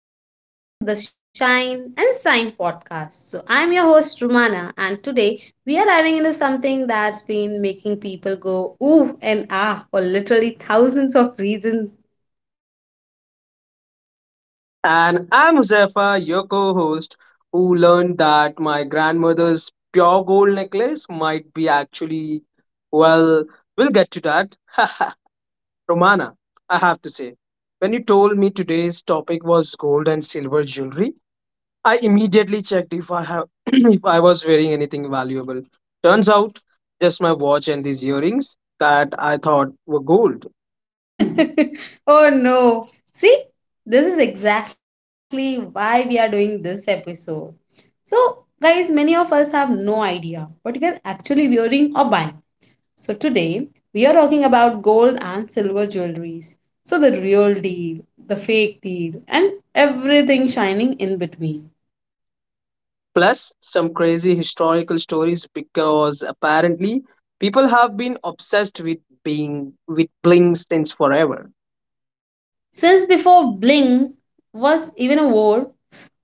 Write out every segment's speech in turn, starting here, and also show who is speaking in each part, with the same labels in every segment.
Speaker 1: and welcome back to the Shine and Shine podcast. I'm your host, Rumana, and today we are diving into something that's been making people go ooh and ah for literally thousands of reasons.
Speaker 2: And I'm Huzaifa, your co host, who learned that my grandmother's pure gold necklace might be actually, well, we'll get to that. Romana, I have to say, when you told me today's topic was gold and silver jewelry, I immediately checked if I have if I was wearing anything valuable. Turns out, just my watch and these earrings that I thought were gold.
Speaker 1: Oh no. See, this is exactly why we are doing this episode. So, guys, many of us have no idea what we are actually wearing or buying. So today we are talking about gold and silver jewelries. So the real deal, the fake deal, and everything shining in between.
Speaker 2: Plus some crazy historical stories because apparently people have been obsessed with being with bling since forever.
Speaker 1: Since before bling was even a word,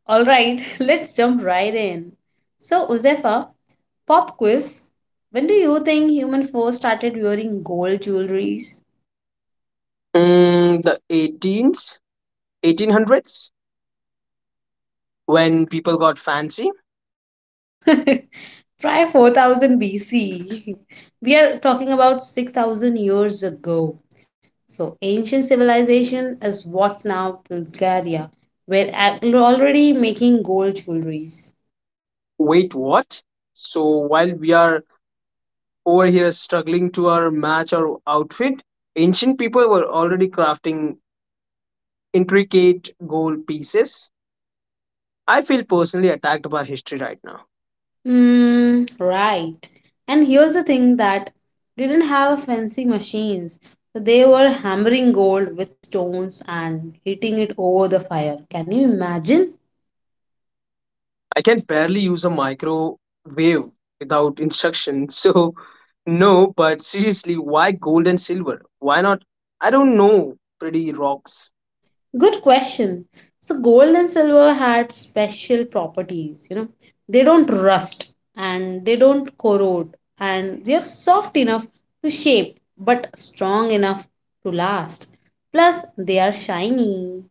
Speaker 1: all right, let's jump right in. So Uzefa, pop quiz. When do you think human first started wearing gold jewelries?
Speaker 2: Mm, the 18s, 1800s, when people got fancy.
Speaker 1: Try 4000 BC. We are talking about 6,000 years ago. So, ancient civilization is what's now Bulgaria. We're already making gold jewelries.
Speaker 2: Wait, what? So while we are over here struggling to our match our outfit, ancient people were already crafting intricate gold pieces. I feel personally attacked by history right now.
Speaker 1: Mm, right. And here's the thing that didn't have fancy machines. So they were hammering gold with stones and hitting it over the fire. Can you imagine?
Speaker 2: I can barely use a microwave without instructions. So, no, but seriously, why gold and silver? Why not? I don't know. Pretty rocks.
Speaker 1: Good question. So gold and silver had special properties, They don't rust and they don't corrode and they are soft enough to shape but strong enough to last. Plus they are shiny.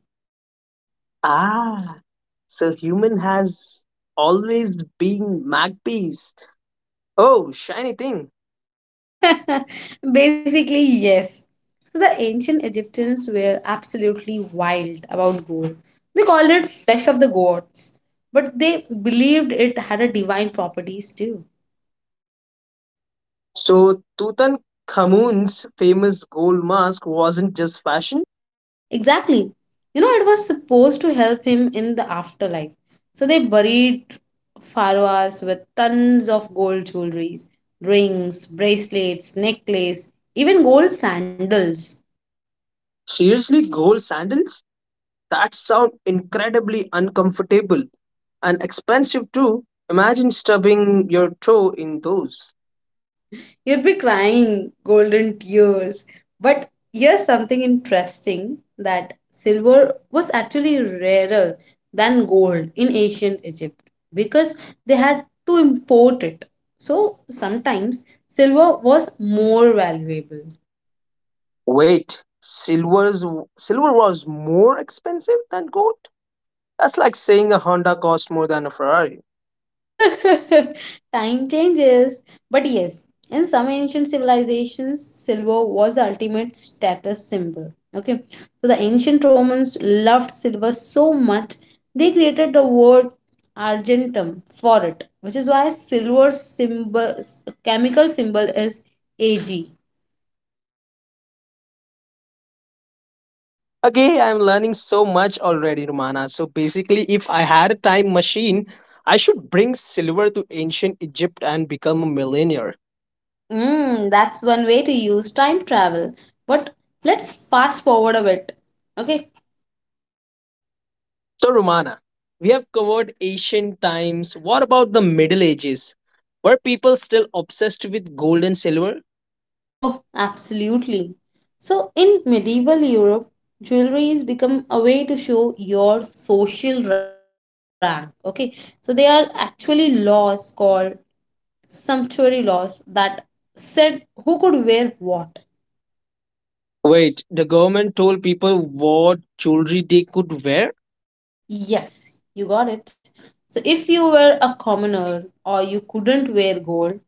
Speaker 2: Ah, so human has always been magpies. Oh, shiny thing.
Speaker 1: Basically, yes. So the ancient Egyptians were absolutely wild about gold. They called it flesh of the gods, but they believed it had a divine properties too.
Speaker 2: So, Tutankhamun's famous gold mask wasn't just fashion?
Speaker 1: Exactly. You know, it was supposed to help him in the afterlife. So they buried Farwas with tons of gold jewelries, rings, bracelets, necklace, even gold sandals.
Speaker 2: Seriously, gold sandals? That sounds incredibly uncomfortable and expensive too. Imagine stubbing your toe in those.
Speaker 1: You'd be crying golden tears. But here's something interesting that silver was actually rarer than gold in ancient Egypt because they had to import it. So sometimes silver was more valuable.
Speaker 2: Wait, silver was more expensive than gold? That's like saying a Honda cost more than a Ferrari.
Speaker 1: Time changes. But yes, in some ancient civilizations, silver was the ultimate status symbol. Okay. So the ancient Romans loved silver so much, they created the word argentum for it, which is why silver symbol chemical symbol is Ag.
Speaker 2: Okay, I'm learning so much already, Romana. So basically, if I had a time machine, I should bring silver to ancient Egypt and become a millionaire.
Speaker 1: Mm, that's one way to use time travel. But let's fast forward a bit. Okay,
Speaker 2: So, Romana, we have covered ancient times. What about the Middle Ages? Were people still obsessed with gold and silver?
Speaker 1: oh, absolutely. So, in medieval Europe, jewelry has become a way to show your social rank. Okay, so there are actually laws called sumptuary laws that said who could wear what.
Speaker 2: Wait, the government told people what jewelry they could wear?
Speaker 1: Yes, you got it. So, if you were a commoner or you couldn't wear gold,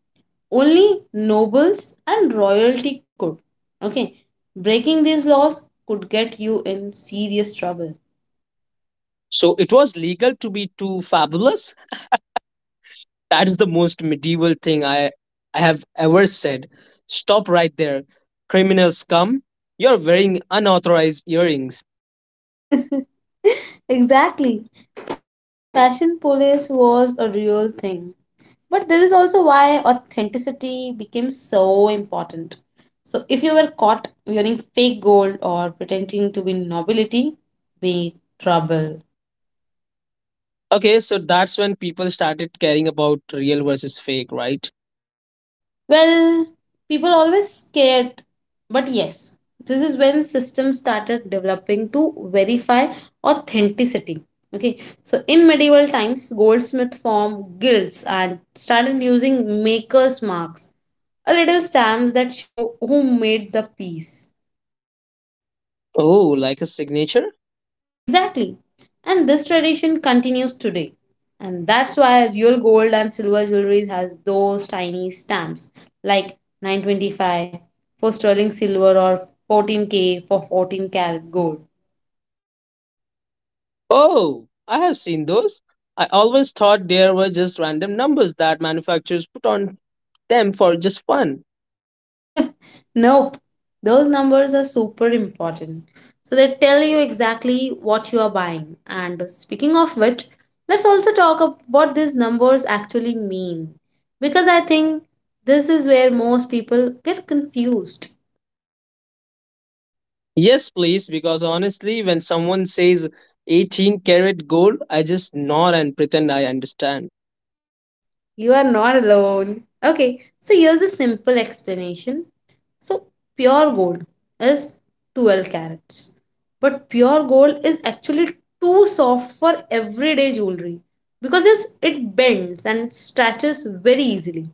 Speaker 1: only nobles and royalty could. Okay, breaking these laws could get you in serious trouble.
Speaker 2: So, it was legal to be too fabulous? That's the most medieval thing I have ever said. Stop right there. Criminals come. You're wearing unauthorized earrings.
Speaker 1: Exactly. Fashion police was a real thing. But this is also why authenticity became so important. So, if you were caught wearing fake gold or pretending to be nobility, be trouble.
Speaker 2: Okay, so that's when people started caring about real versus fake, right?
Speaker 1: Well, people always scared, but yes, this is when systems started developing to verify authenticity. Okay, so in medieval times, goldsmith formed guilds and started using makers' marks, a little stamps that show who made the piece.
Speaker 2: Oh, like a signature?
Speaker 1: Exactly. And this tradition continues today. And that's why real gold and silver jewelry has those tiny stamps like 925 for sterling silver or 14K for 14 karat gold.
Speaker 2: Oh, I have seen those. I always thought there were just random numbers that manufacturers put on them for just fun.
Speaker 1: Nope. Those numbers are super important. So they tell you exactly what you are buying. And speaking of which, let's also talk about what these numbers actually mean because I think this is where most people get confused.
Speaker 2: Yes, please, because honestly, when someone says 18 karat gold, I just nod and pretend I understand.
Speaker 1: You are not alone. Okay, so here's a simple explanation. So, pure gold is 12 carats, but pure gold is actually too soft for everyday jewelry because it bends and stretches very easily.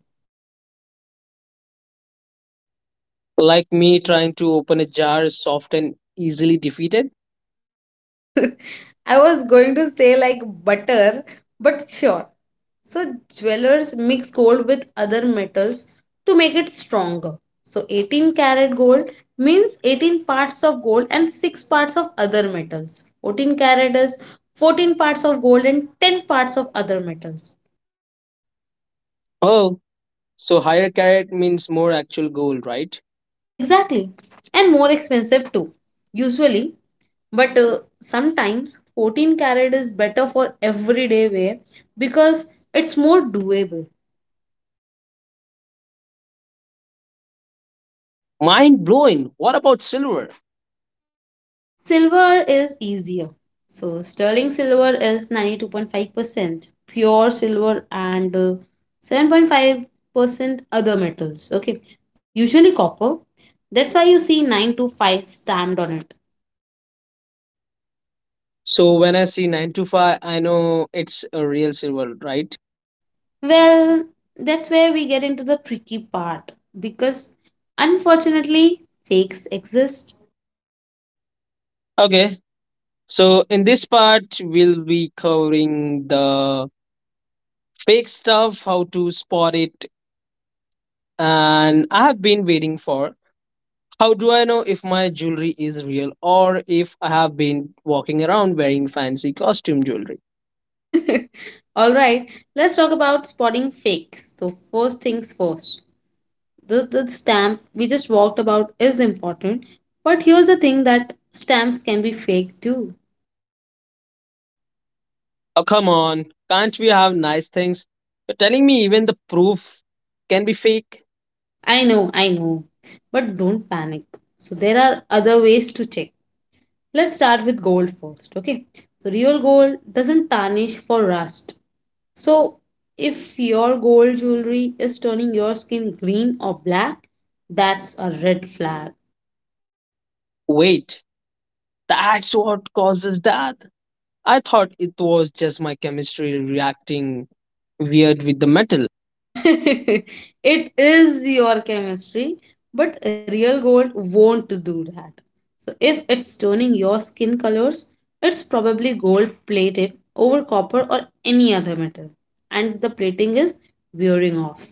Speaker 2: Like me trying to open a jar is soft and easily defeated.
Speaker 1: I was going to say like butter, but sure. So jewelers mix gold with other metals to make it stronger. So 18 karat gold means 18 parts of gold and 6 parts of other metals. 14 karat is 14 parts of gold and 10 parts of other metals.
Speaker 2: Oh, so higher carat means more actual gold, right?
Speaker 1: Exactly. And more expensive too, usually. But sometimes 14 carat is better for everyday wear because it's more doable.
Speaker 2: Mind blowing. What about silver?
Speaker 1: Silver is easier. So sterling silver is 92.5% pure silver and 7.5% other metals. Okay. Usually copper. That's why you see 9 to 5 stamped on it.
Speaker 2: So when I see 9 to 5, I know it's a real silver, right?
Speaker 1: Well, that's where we get into the tricky part because unfortunately, fakes exist.
Speaker 2: Okay. So in this part, we'll be covering the fake stuff, how to spot it, and I have been waiting for. How do I know if my jewelry is real or if I have been walking around wearing fancy costume jewelry?
Speaker 1: All right, let's talk about spotting fakes. So, first things first, the stamp we just walked about is important, but here's the thing that stamps can be fake too.
Speaker 2: Oh, come on. Can't we have nice things? You're telling me even the proof can be fake?
Speaker 1: I know, but don't panic. So, there are other ways to check. Let's start with gold first, okay? So, real gold doesn't tarnish for rust. So, if your gold jewelry is turning your skin green or black, that's a red flag.
Speaker 2: Wait, that's what causes that? I thought it was just my chemistry reacting weird with the metal.
Speaker 1: It is your chemistry, but real gold won't do that. So, if it's turning your skin colors, it's probably gold plated over copper or any other metal, and the plating is wearing off.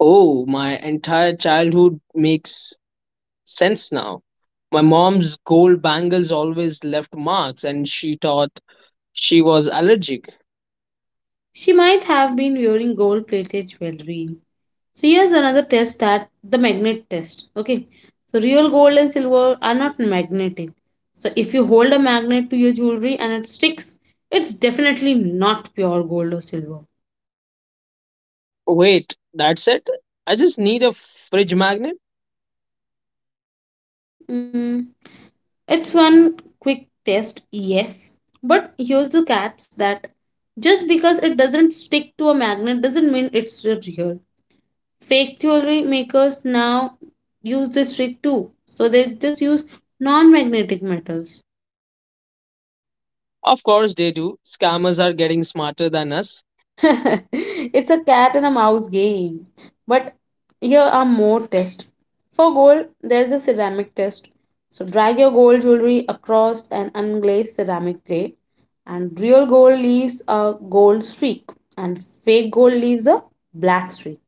Speaker 2: Oh, my entire childhood makes sense now. My mom's gold bangles always left marks, and she thought she was allergic.
Speaker 1: She might have been wearing gold plated jewelry. So here's another test that the magnet test. Okay. So real gold and silver are not magnetic. So if you hold a magnet to your jewelry and it sticks, it's definitely not pure gold or silver.
Speaker 2: Wait, that's it? I just need a fridge magnet?
Speaker 1: Mm, it's one quick test, yes. But here's the catch that just because it doesn't stick to a magnet doesn't mean it's real. Fake jewelry makers now use this trick too. So they just use non magnetic metals.
Speaker 2: Of course, they do. Scammers are getting smarter than us.
Speaker 1: It's a cat and a mouse game. But here are more tests. For gold, there's a ceramic test. So drag your gold jewelry across an unglazed ceramic plate, and real gold leaves a gold streak, and fake gold leaves a black streak.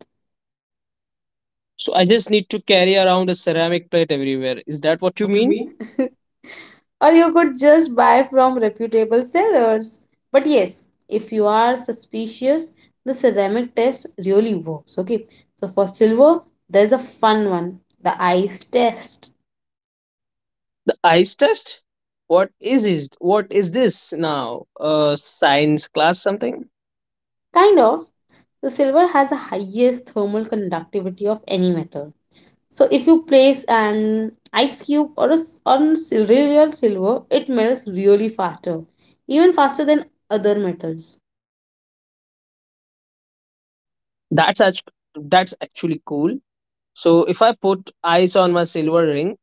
Speaker 2: So I just need to carry around a ceramic plate everywhere. Is
Speaker 1: Is
Speaker 2: that what
Speaker 1: that
Speaker 2: you
Speaker 1: what you
Speaker 2: mean?
Speaker 1: mean? Or you could just buy from reputable sellers. But yes, if you are suspicious, the ceramic test really works. Okay, so for silver, there's a fun one the ice test.
Speaker 2: The ice test? What is it? What is this now? A science class something?
Speaker 1: Kind of, the silver has the highest thermal conductivity of any metal. So if you place an ice cube or on real silver, it melts really faster, even faster than other metals.
Speaker 2: That's actually cool. So if I put ice on my silver ring,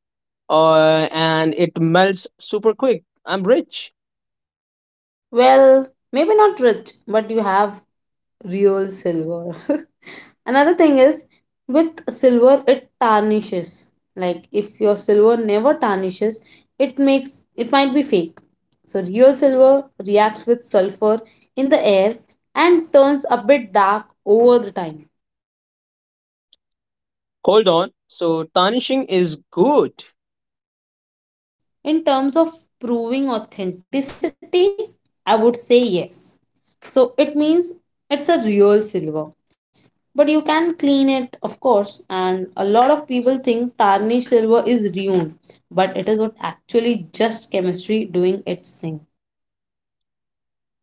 Speaker 2: and it melts super quick, I'm rich.
Speaker 1: Well, maybe not rich, but you have real silver. Another thing is with silver it tarnishes. Like if your silver never tarnishes, it makes it might be fake. So real silver reacts with sulfur in the air and turns a bit dark over the time.
Speaker 2: Hold on. So tarnishing is good.
Speaker 1: In terms of proving authenticity, I would say yes. So it means it's a real silver. But you can clean it of course and a lot of people think tarnished silver is ruined but it is what actually just chemistry doing its thing.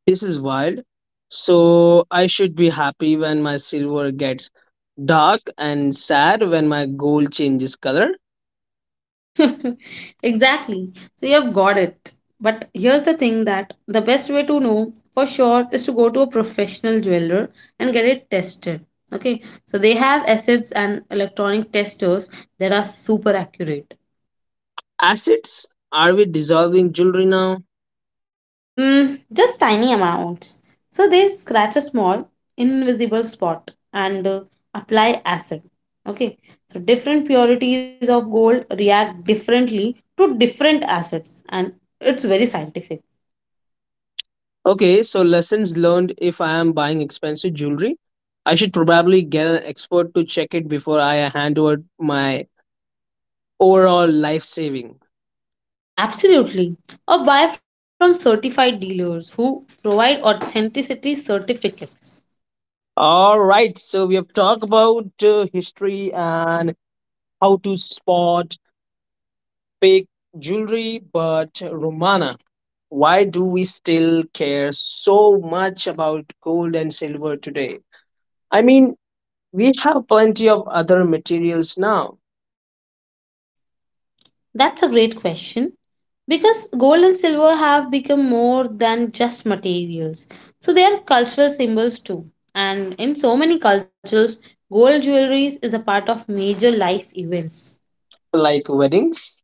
Speaker 2: This is wild. So I should be happy when my silver gets dark and sad when my gold changes color.
Speaker 1: Exactly, so you have got it, but here's the thing that the best way to know for sure is to go to a professional jeweler and get it tested, okay? So they have assets and electronic testers that are super accurate.
Speaker 2: Assets? Are we dissolving jewelry now?
Speaker 1: Mm, just tiny amounts. So they scratch a small, invisible spot and apply acid. Okay. So different purities of gold react differently to different acids, and it's very scientific.
Speaker 2: Okay, so lessons learned, if I am buying expensive jewelry, I should probably get an expert to check it before I hand over my overall life saving.
Speaker 1: Absolutely. Or buy from certified dealers who provide authenticity certificates.
Speaker 2: All right, so we have talked about history and how to spot fake jewelry, but Romana, why do we still care so much about gold and silver today? I mean, we have plenty of other materials now,
Speaker 1: That's a great question. Because gold and silver have become more than just materials. So they are cultural symbols too. And in so many cultures, gold jewelry is a part of major life events.
Speaker 2: like weddings.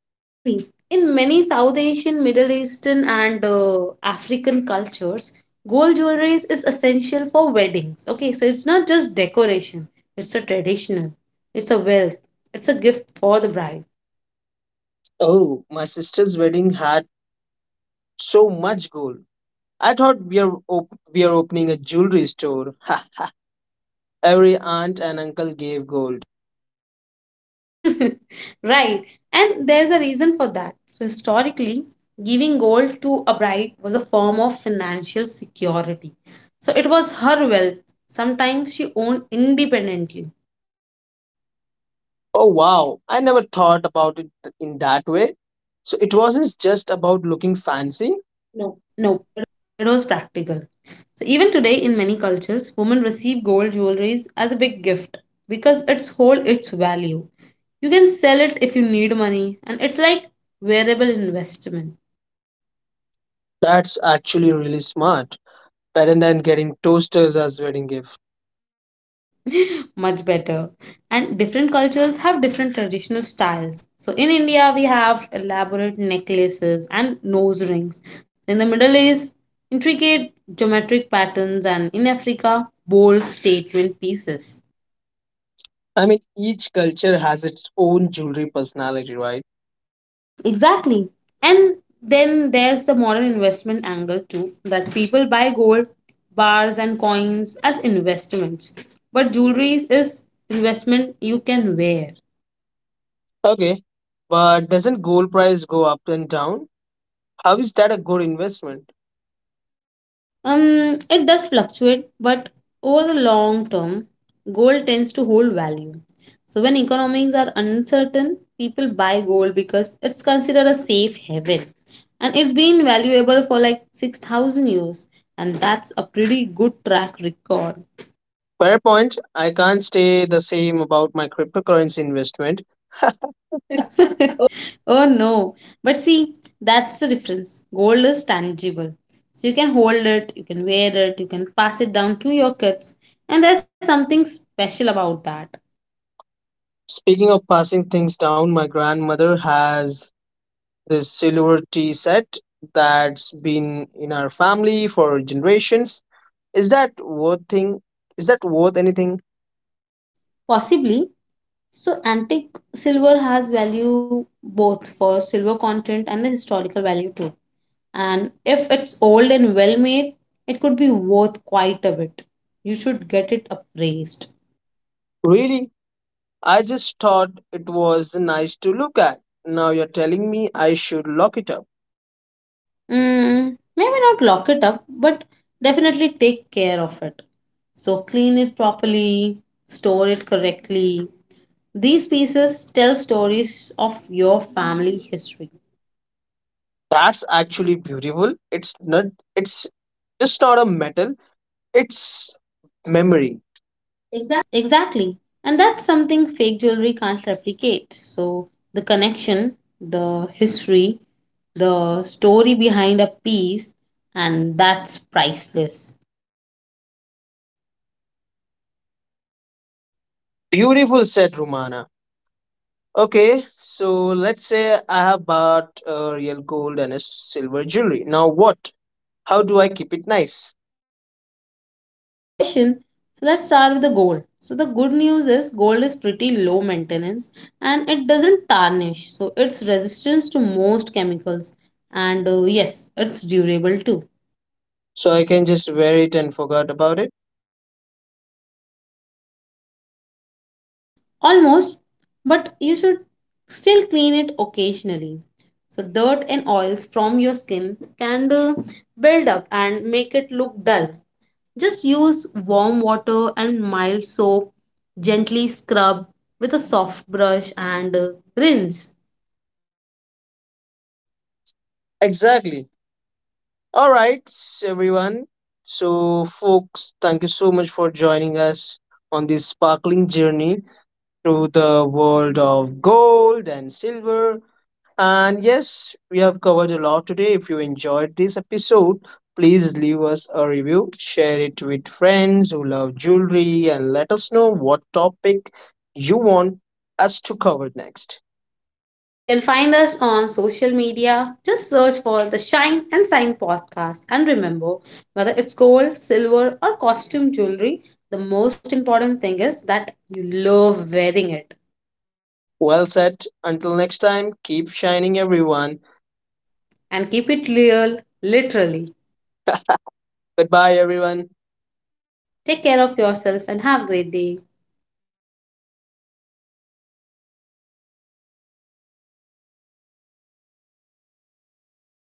Speaker 1: Exactly. In many South Asian, Middle Eastern, and African cultures, gold jewelry is essential for weddings. Okay, so it's not just decoration, it's a traditional, it's a wealth, it's a gift for the bride.
Speaker 2: Oh, my sister's wedding had so much gold. I thought we are opening a jewelry store. Every aunt and uncle gave gold.
Speaker 1: Right, and there's a reason for that. So, historically, giving gold to a bride was a form of financial security. So, it was her wealth. Sometimes she owned independently.
Speaker 2: Oh wow, I never thought about in that way. So it wasn't just about looking fancy. No.
Speaker 1: No, it was practical. So, even today, in many cultures, women receive gold jewelries as a big gift because it's hold its value. You can sell it if you need money, and it's like wearable investment.
Speaker 2: That's actually really smart. Parent than getting toasters as wedding gift.
Speaker 1: Much better, and different cultures have different traditional styles. So in India we have elaborate necklaces and nose rings, in the Middle East intricate geometric patterns, and in Africa bold statement pieces.
Speaker 2: I mean, each culture has its own jewelry personality, right?
Speaker 1: Exactly. And then there's the modern investment angle too that people buy gold bars and coins as investments, but jewelry is investment you can wear.
Speaker 2: Okay, but doesn't gold price go up and down? How is that a good investment?
Speaker 1: It does fluctuate, but over the long term, gold tends to hold value. So when economics are uncertain, people buy gold because it's considered a safe haven. And it's been valuable for like 6,000 years. And that's a pretty good track record.
Speaker 2: Fair point. I can't say the same about my cryptocurrency investment.
Speaker 1: Oh no. But see, that's the difference. Gold is tangible. So you can hold it, you can wear it, you can pass it down to your kids. And there's something special about that.
Speaker 2: Speaking of passing things down, my grandmother has this silver tea set that's been in our family for generations. Is that worth thing? Is that worth anything?
Speaker 1: Possibly. So antique silver has value both for silver content and the historical value too. And if it's old and well made, it could be worth quite a bit. You should get it appraised.
Speaker 2: Really? I just thought it was nice to look at. Now you're telling me I should lock it up.
Speaker 1: Mm, maybe not lock it up, but definitely take care of it. So clean it properly, store it correctly. These pieces tell stories of your family history.
Speaker 2: That's actually beautiful. It's just not a metal, it's memory. Exactly.
Speaker 1: Exactly. And that's something fake jewelry can't replicate. So the connection, the history, the story behind a piece, and that's priceless.
Speaker 2: Beautiful said, Romana. Okay, so let's say I have bought a real gold and a silver jewelry. Now what? How do I keep it nice?
Speaker 1: Great question. So let's start with the gold. So the good news is gold is pretty low maintenance and it doesn't tarnish. So it's resistance to most chemicals and yes, it's durable too.
Speaker 2: So I can just wear it and forget about it?
Speaker 1: Almost, but you should still clean it occasionally. So, dirt and oils from your skin can build up and make it look dull. Just use warm water and mild soap, gently scrub with a soft brush and rinse.
Speaker 2: Exactly. All right, everyone. So, folks, thank you so much for joining us on this sparkling journey through the world of gold and silver. And yes, we have covered a lot today. If you enjoyed this episode, please leave us a review, share it with friends who love jewelry, and let us know what topic you want us to cover next.
Speaker 1: So you can find us on social media. Just search for the Shine and Sign podcast. And remember, whether it's gold, silver, or costume jewelry, the most important thing is that you love wearing it
Speaker 2: Well said. Until next time, keep shining, everyone.
Speaker 1: and keep it real, literally.
Speaker 2: Goodbye, everyone.
Speaker 1: Take care of yourself and have a great day.